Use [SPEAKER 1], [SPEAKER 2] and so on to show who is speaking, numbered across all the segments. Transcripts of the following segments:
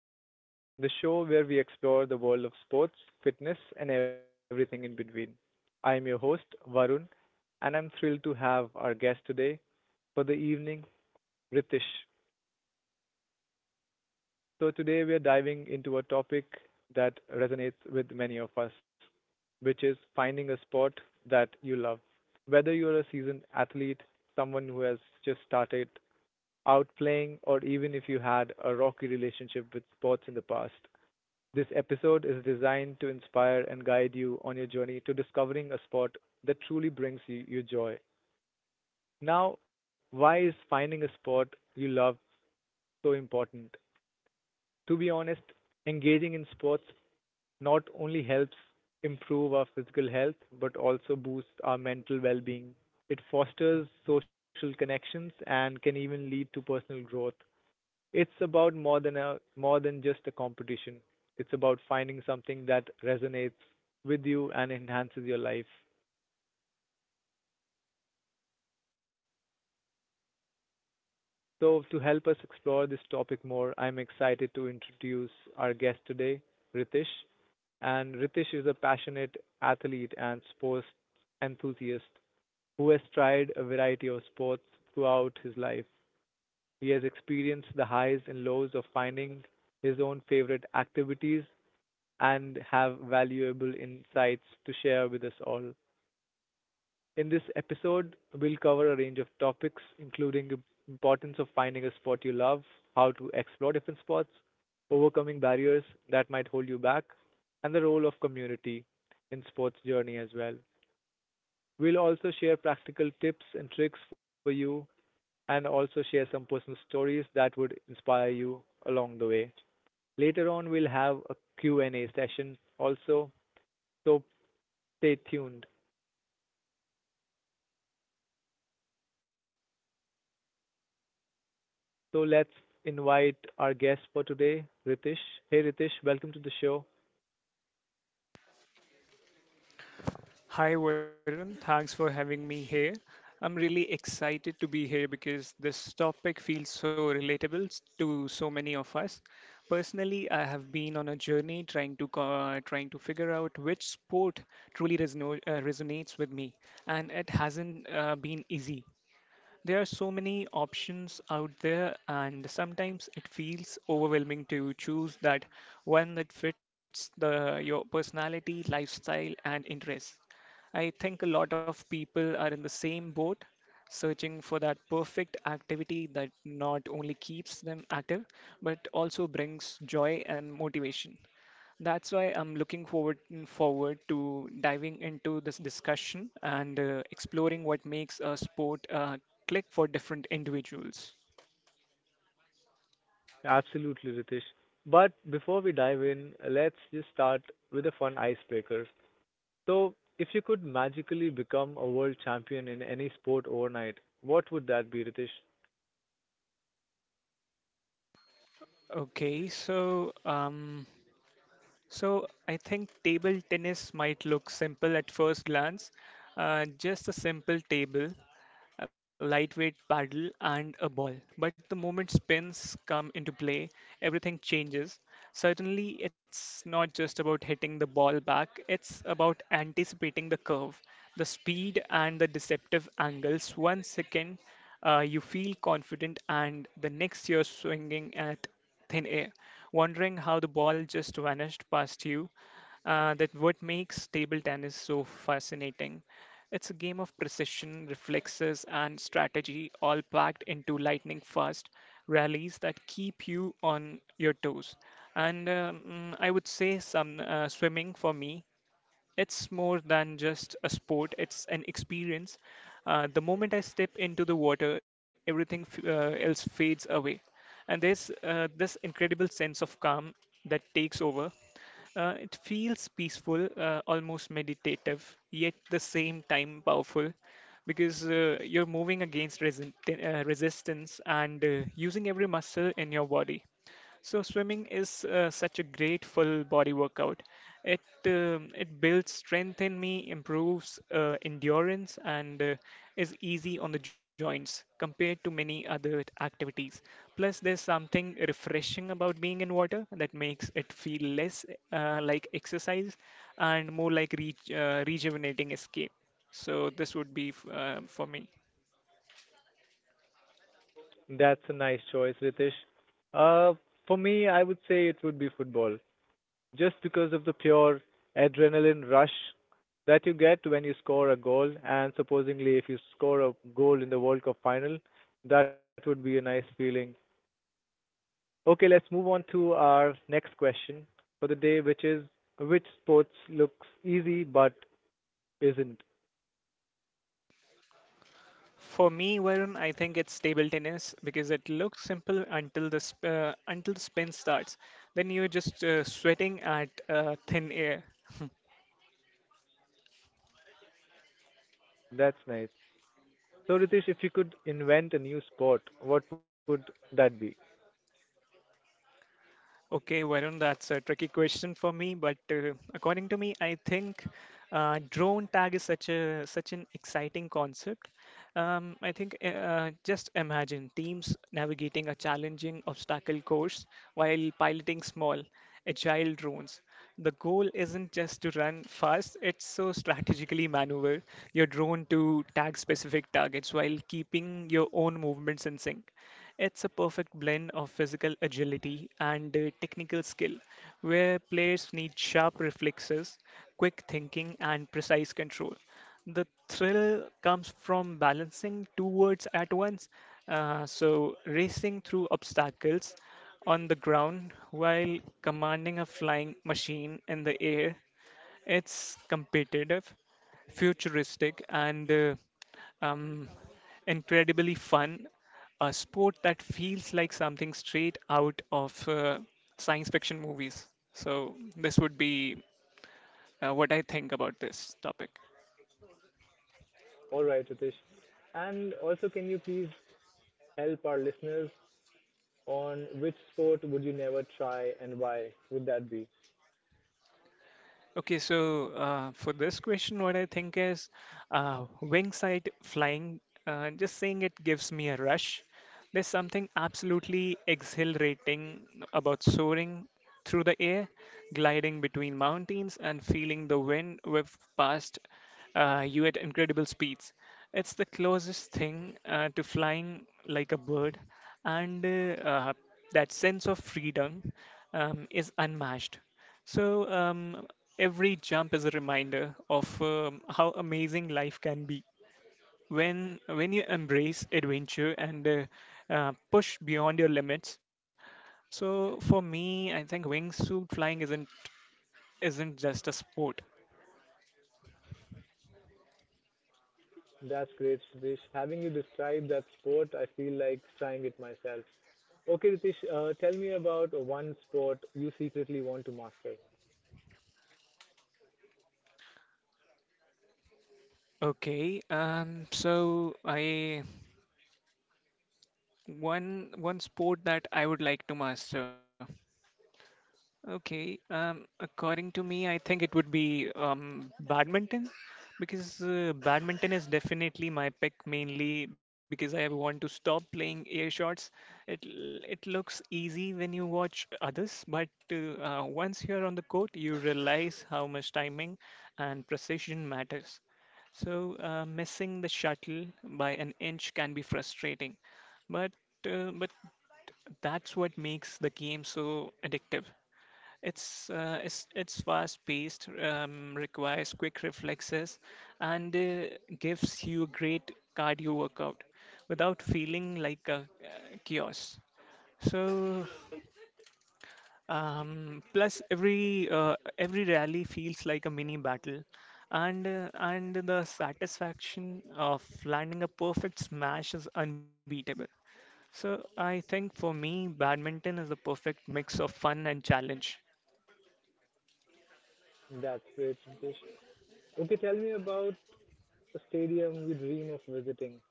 [SPEAKER 1] Sports Unlocked, the show where we explore the world of sports, fitness, and everything in between. I am your host, Varun, and I'm thrilled to have our guest today for the evening, Ritesh. So, today we are diving into a topic that resonates with many of us, which is finding a sport that you love. Whether you're a seasoned athlete, someone who has just started outplaying, or even if you had a rocky relationship with sports in the past. This episode is designed to inspire and guide you on your journey to discovering a sport that truly brings you joy. Now, why is finding a sport you love so important? To be honest, engaging in sports not only helps improve our physical health but also boosts our mental well being. It fosters social connections and can even lead to personal growth. It's about more than just a competition. It's about finding something that resonates with you and enhances your life. So, to help us explore this topic more, I'm excited to introduce our guest today, Ritesh. And Ritesh is a passionate athlete and sports enthusiast who has tried a variety of sports throughout his life. He has experienced the highs and lows of finding his own favorite activities and have valuable insights to share with us all. In this episode, we'll cover a range of topics, including the importance of finding a sport you love, how to explore different sports, overcoming barriers that might hold you back, and the role of community in sports journey as well. We'll also share practical tips and tricks for you and also share some personal stories that would inspire you along the way. Later on we'll have a Q&A session also. So stay tuned. So let's invite our guest for today, Ritesh. Hey Ritesh, welcome to the show.
[SPEAKER 2] Hi, Varun. Thanks for having me here. I'm really excited to be here because this topic feels so relatable to so many of us. Personally, I have been on a journey trying trying to figure out which sport truly resonates with me, and it hasn't been easy. There are so many options out there, and sometimes it feels overwhelming to choose that one that fits the your personality, lifestyle, and interests. I think a lot of people are in the same boat, searching for that perfect activity that not only keeps them active, but also brings joy and motivation. That's why I'm looking forward to diving into this discussion and exploring what makes a sport click for different individuals.
[SPEAKER 1] Absolutely, Ritesh. But before we dive in, let's just start with a fun icebreaker. So, if you could magically become a world champion in any sport overnight, what would that be, Ritesh?
[SPEAKER 2] Okay, so um, so I think table tennis might look simple at first glance, just a simple table, a lightweight paddle, and a ball. But the moment spins come into play, everything changes. Certainly, it's not just about hitting the ball back, it's about anticipating the curve, the speed, and the deceptive angles. One second, you feel confident, and the next, you're swinging at thin air, wondering how the ball just vanished past you. That what makes table tennis so fascinating. It's a game of precision, reflexes, and strategy, all packed into lightning fast rallies that keep you on your toes. I would say some swimming for me. It's more than just a sport, it's an experience. The moment I step into the water, everything else fades away, and there's this incredible sense of calm that takes over. It feels peaceful, almost meditative, yet the same time powerful, because you're moving against resistance and using every muscle in your body. So swimming is such a great full body workout. It it builds strength in me, improves endurance, and is easy on the joints compared to many other activities. Plus, there's something refreshing about being in water that makes it feel less like exercise and more like rejuvenating escape. So this would be for me.
[SPEAKER 1] That's a nice choice, Ritesh. Uh, for me, I would say it would be football. Just because of the pure adrenaline rush that you get when you score a goal. And supposedly, if you score a goal in the World Cup final, that would be a nice feeling. Okay, let's move on to our next question for the day, which is which sports looks easy but isn't?
[SPEAKER 2] For me, Varun, I think it's table tennis because it looks simple until the until the spin starts. Then you're just sweating at thin air.
[SPEAKER 1] That's nice. So, Ritesh, if you could invent a new sport, what would that be?
[SPEAKER 2] Okay, Varun, that's a tricky question for me, but according to me, I think drone tag is such an exciting concept. I think just imagine teams navigating a challenging obstacle course while piloting small, agile drones. The goal isn't just to run fast; it's so strategically maneuver your drone to tag specific targets while keeping your own movements in sync. It's a perfect blend of physical agility and technical skill, where players need sharp reflexes, quick thinking, and precise control. The thrill comes from balancing two words at once, so racing through obstacles on the ground while commanding a flying machine in the air. It's competitive, futuristic, and um, incredibly fun, a sport that feels like something straight out of science fiction movies. So, this would be what I think about this topic.
[SPEAKER 1] All right, Ritesh. And also, can you please help our listeners on which sport would you never try and why would that be?
[SPEAKER 2] For this question, what I think is wing sight flying, just saying it gives me a rush. There's something absolutely exhilarating about soaring through the air, gliding between mountains, and feeling the wind whip past you at incredible speeds. It's the closest thing to flying like a bird, and that sense of freedom is unmatched. So, um, Every jump is a reminder of how amazing life can be. When you embrace adventure and push beyond your limits. So for me, I think wingsuit flying isn't just a sport.
[SPEAKER 1] That's great, Ritesh. Having you describe that sport, I feel like trying it myself. Okay, Ritesh, tell me about one sport you secretly want to master.
[SPEAKER 2] Okay, so I one one sport that I would like to master Okay. According to me, I think it would be badminton because badminton is definitely my pick mainly because I want to stop playing air shots. It looks easy when you watch others, but once you're on the court, you realize how much timing and precision matters. So missing the shuttle by an inch can be frustrating, but but that's what makes the game so addictive. It's fast-paced, requires quick reflexes, and gives you a great cardio workout without feeling like a chaos. So, Plus every rally feels like a mini battle, and the satisfaction of landing a perfect smash is unbeatable. So I think for me, badminton is the perfect mix of fun and challenge.
[SPEAKER 1] That's great, Ritesh. Okay, tell me about a stadium you dream of visiting.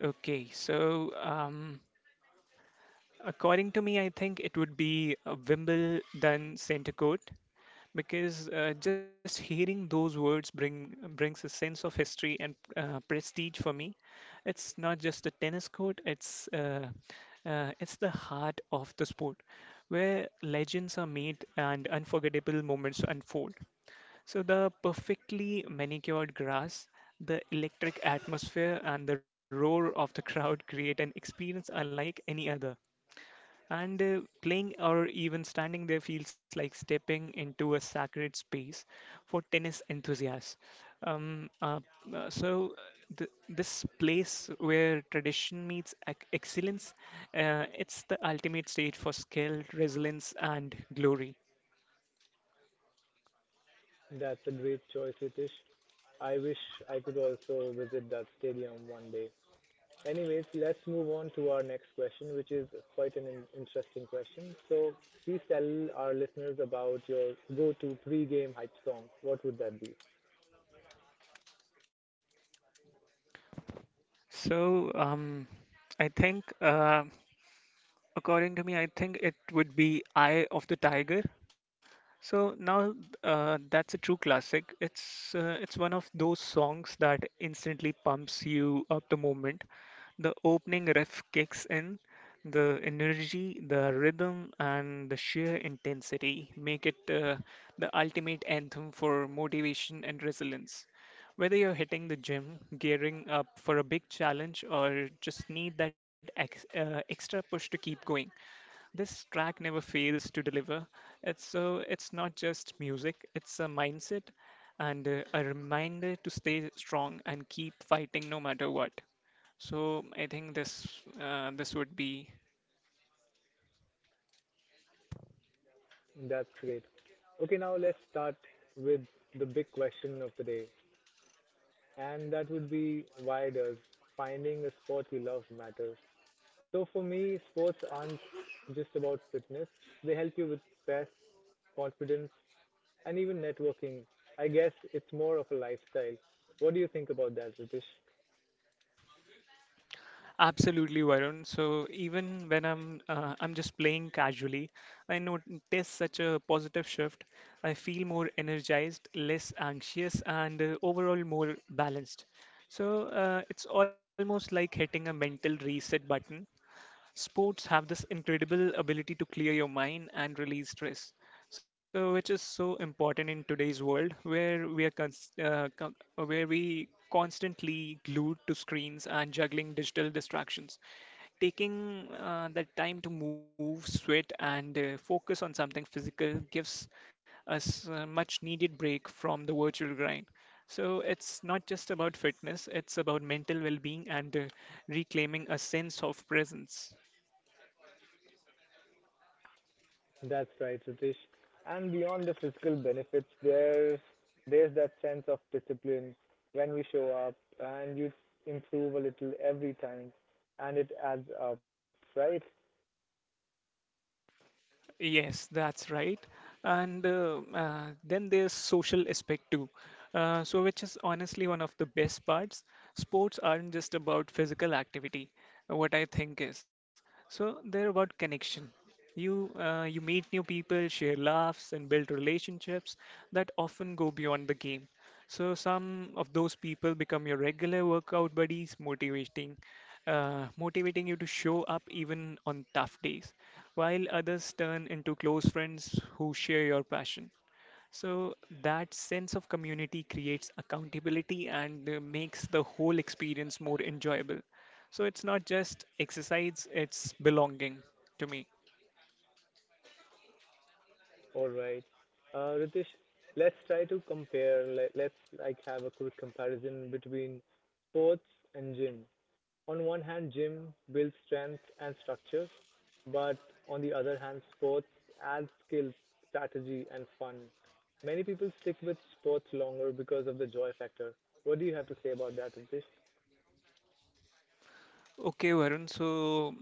[SPEAKER 2] Okay, so um, According to me, I think it would be Wimbledon Centre Court because just hearing those words brings a sense of history and prestige for me. It's not just a tennis court; it's the heart of the sport, where legends are made and unforgettable moments unfold. So the perfectly manicured grass, the electric atmosphere, and the roar of the crowd create an experience unlike any other. And playing or even standing there feels like stepping into a sacred space for tennis enthusiasts. Um, uh, uh, so, this place where tradition meets excellence, it's the ultimate stage for skill, resilience, and glory.
[SPEAKER 1] That's a great choice, Ritesh. I wish I could also visit that stadium one day. Anyways, let's move on to our next question, which is quite an interesting question. So please tell our listeners about your go-to pre-game hype song. What would that be?
[SPEAKER 2] So, um, I think, uh, According to me, I think it would be Eye of the Tiger. So now that's a true classic. It's one of those songs that instantly pumps you up the moment. The opening riff kicks in, the energy, the rhythm, and the sheer intensity make it the ultimate anthem for motivation and resilience. Whether you're hitting the gym, gearing up for a big challenge, or just need that extra push to keep going. This track never fails to deliver. It's so it's not just music, it's a mindset and a reminder to stay strong and keep fighting no matter what. So I think this this would be
[SPEAKER 1] That's great. Okay, now let's start with the big question of the day, and that would be why does finding a sport you love matter? So for me, sports aren't just about fitness. They help you with stress, confidence, and even networking. I guess it's more of a lifestyle. What do you think about that, Ritesh?
[SPEAKER 2] absolutely, Varun. So even when I'm just playing casually, I notice such a positive shift. I feel more energized, less anxious, and overall more balanced. So it's almost like hitting a mental reset button. Sports have this incredible ability to clear your mind and release stress. So, which is so important in today's world where we are cons- co- where we constantly glued to screens and juggling digital distractions. Taking that time to move, sweat, and focus on something physical gives us a much needed break from the virtual grind. So it's not just about fitness, it's about mental well being and reclaiming a sense of presence.
[SPEAKER 1] That's right, Ritesh. And beyond the physical benefits, there's that sense of discipline when we show up, and you improve a little every time, and it adds up, right?
[SPEAKER 2] Yes, that's right. And then there's social aspect too. So, which is honestly one of the best parts. Sports aren't just about physical activity, what I think is. So, they're about connection. You meet new people, share laughs, and build relationships that often go beyond the game. So, some of those people become your regular workout buddies, motivating you to show up even on tough days while others turn into close friends who share your passion. So that sense of community creates accountability and makes the whole experience more enjoyable. So it's not just exercise, it's belonging to me.
[SPEAKER 1] All right, Ritesh. Let's try to compare. Let, let's like have a quick comparison between sports and gym. On one hand, gym builds strength and structure, but on the other hand, sports adds skills, strategy, and fun. Many people stick with sports longer because of the joy factor. What do you have to say about that, Ritesh?
[SPEAKER 2] Okay, Varun, so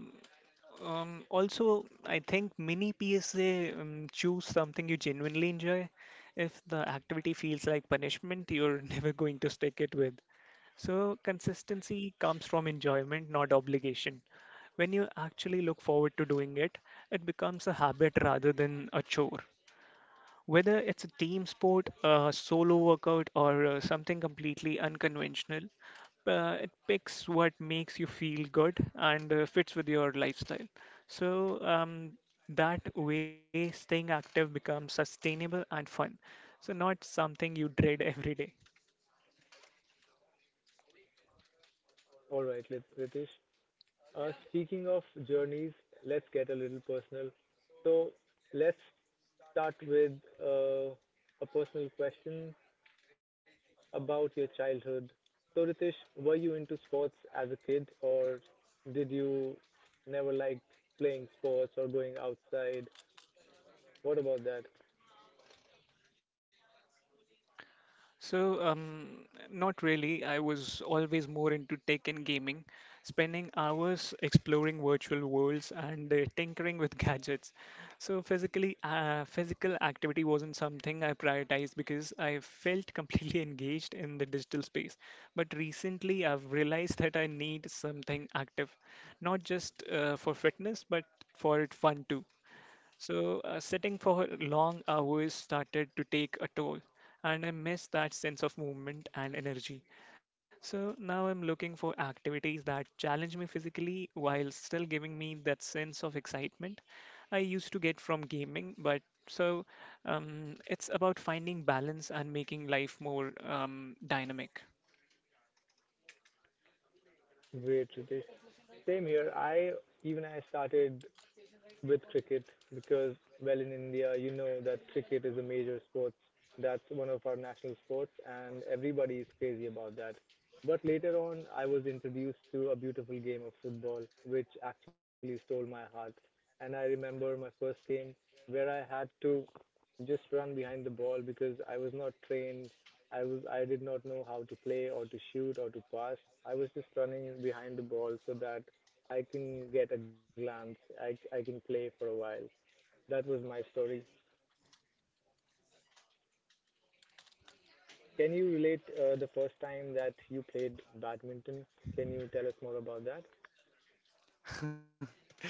[SPEAKER 2] Also, I think many PSA choose something you genuinely enjoy. If the activity feels like punishment, you're never going to stick it with. So, consistency comes from enjoyment, not obligation. When you actually look forward to doing it, it becomes a habit rather than a chore. Whether it's a team sport, a solo workout, or something completely unconventional, it picks what makes you feel good and fits with your lifestyle. So um, that way, staying active becomes sustainable and fun. So, not something you dread every day.
[SPEAKER 1] All right, Lit- Ritesh. Speaking of journeys, let's get a little personal. So let's start with uh, a personal question about your childhood. So, Ritesh, were you into sports as a kid, or did you never like playing sports or going outside? What about that?
[SPEAKER 2] So, um, Not really. I was always more into tech and gaming, spending hours exploring virtual worlds and tinkering with gadgets. So, physical activity wasn't something I prioritized because I felt completely engaged in the digital space. But recently, I've realized that I need something active, not just for fitness, but for it fun too. So, sitting for long hours started to take a toll, and I miss that sense of movement and energy. So, now I'm looking for activities that challenge me physically while still giving me that sense of excitement I used to get from gaming. So, it's about finding balance and making life more dynamic.
[SPEAKER 1] Great, Ritesh. Same here. I started with cricket because, well, in India, you know that cricket is a major sport. That's one of our national sports, and everybody is crazy about that. But later on, I was introduced to a beautiful game of football, which actually stole my heart. And I remember my first game where I had to just run behind the ball because I was not trained. I did not know how to play or to shoot or to pass. I was just running behind the ball so that I can get a glance. I can play for a while. That was my story. Can you relate the first time that you played badminton? Can you tell us more about that?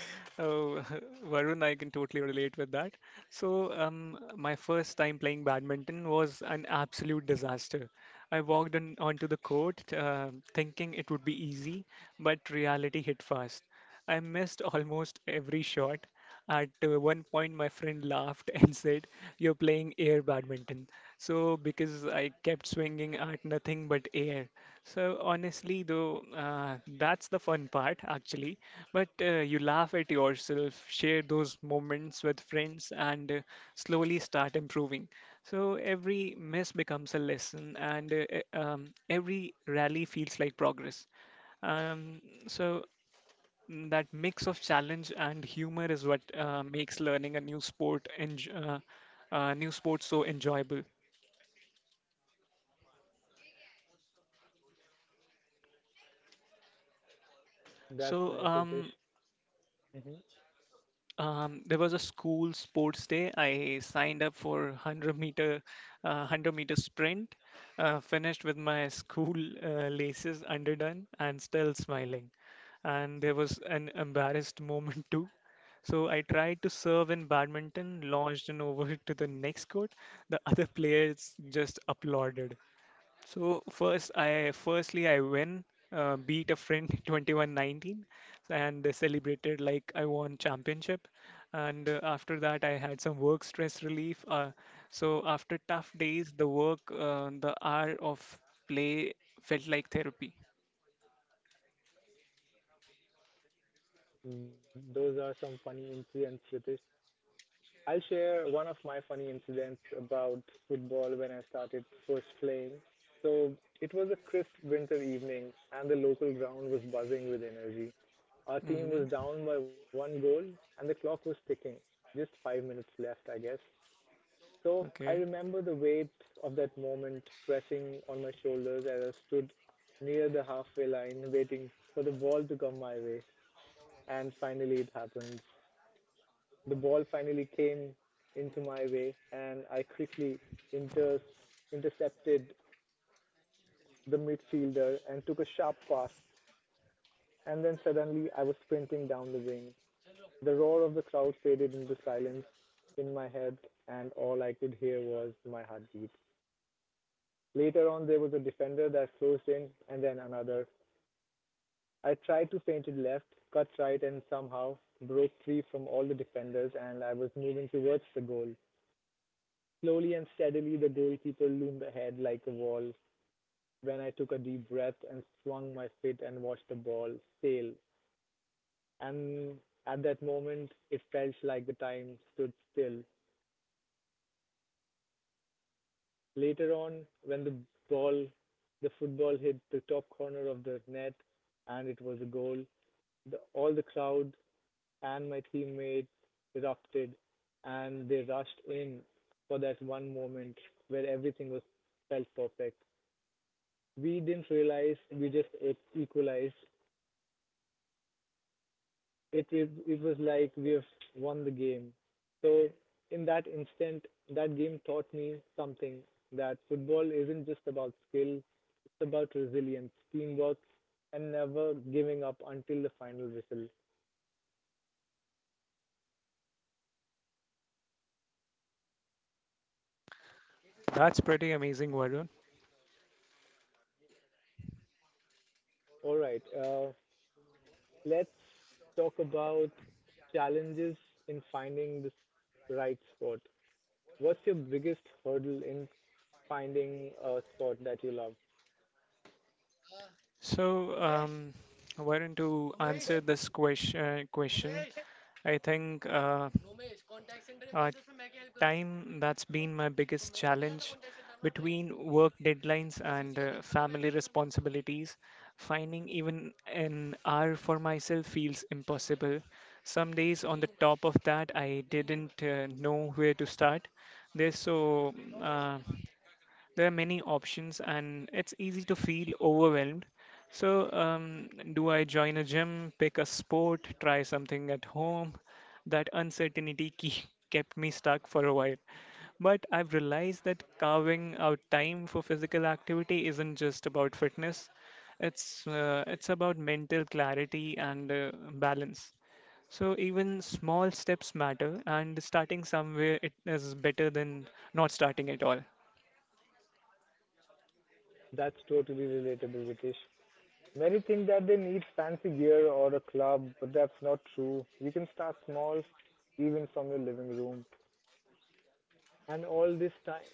[SPEAKER 2] Oh, Varun, I can totally relate with that. My first time playing badminton was an absolute disaster. I walked onto the court thinking it would be easy, but reality hit fast. I missed almost every shot. At one point, my friend laughed and said, "You're playing air badminton." So, because I kept swinging at nothing but air. So, honestly, though, that's the fun part, actually. But you laugh at yourself, share those moments with friends, and slowly start improving. So, every miss becomes a lesson, and every rally feels like progress. Um, so That mix of challenge and humor is what makes learning a new sport so enjoyable.
[SPEAKER 1] That's
[SPEAKER 2] So,
[SPEAKER 1] nice,
[SPEAKER 2] um,
[SPEAKER 1] Ritesh. Mm-hmm.
[SPEAKER 2] There was a school sports day. I signed up for 100 meter, 100-meter sprint, finished with my school laces underdone and still smiling. And there was an embarrassed moment too. So I tried to serve in badminton, launched an over to the next court. The other players just applauded. So firstly I win, beat a friend 21-19 and celebrated like I won championship. And after that, I had some work stress relief. So after tough days, the hour of play felt like therapy.
[SPEAKER 1] Those are some funny incidents, Ritesh. I'll share one of my funny incidents about football when I started first playing. So it was a crisp winter evening, and the local ground was buzzing with energy. Our team
[SPEAKER 2] Hmm.
[SPEAKER 1] was down by one goal, and the clock was ticking. Just 5 minutes left, I guess. So I
[SPEAKER 2] Okay,
[SPEAKER 1] remember the weight of that moment pressing on my shoulders as I stood near the halfway line, waiting for the ball to come my way. And finally, it happened. The ball finally came into my way, and I quickly inter- intercepted the midfielder and took a sharp pass, and then suddenly I was sprinting down the wing. The roar of the crowd faded into silence in my head, and all I could hear was my heartbeat. Later on, there was a defender that closed in, and then another. I tried to feint it left, cut right, and somehow broke free from all the defenders, and I was moving towards the goal. Slowly and steadily the goalkeeper loomed ahead like a wall, when I took a deep breath and swung my feet and watched the ball sail, and at that moment it felt like the time stood still. Later on, when ball the football hit the top corner of the net and it was a goal, all the crowd and my teammates erupted and they rushed in for that one moment where everything was felt perfect. We didn't realize we just equalized. It was like we have won the game. So in that instant, that game taught me something that football isn't just about skill; it's about resilience, teamwork, and never giving up until the final whistle.
[SPEAKER 2] that's pretty amazing, Varun.
[SPEAKER 1] All right, let's talk about challenges in finding this right sport. What's your biggest hurdle in finding a sport that you love?
[SPEAKER 2] So, um, why don't you answer this question? Question. I think uh, time, that's been my biggest challenge between work deadlines and family responsibilities. Finding even an hour for myself feels impossible. Some days, on the top of that, I didn't know where to start. There's so uh, there are many options, and it's easy to feel overwhelmed. So, um, do I join a gym, pick a sport, try something at home? That uncertainty kept me stuck for a while. But I've realized that carving out time for physical activity isn't just about fitness. It's about mental clarity and balance. So even small steps matter, and starting somewhere it is better than not starting at all.
[SPEAKER 1] That's totally relatable, Ritesh. Many think that they need fancy gear or a club, but that's not true. You can start small, even from your living room. And all this time,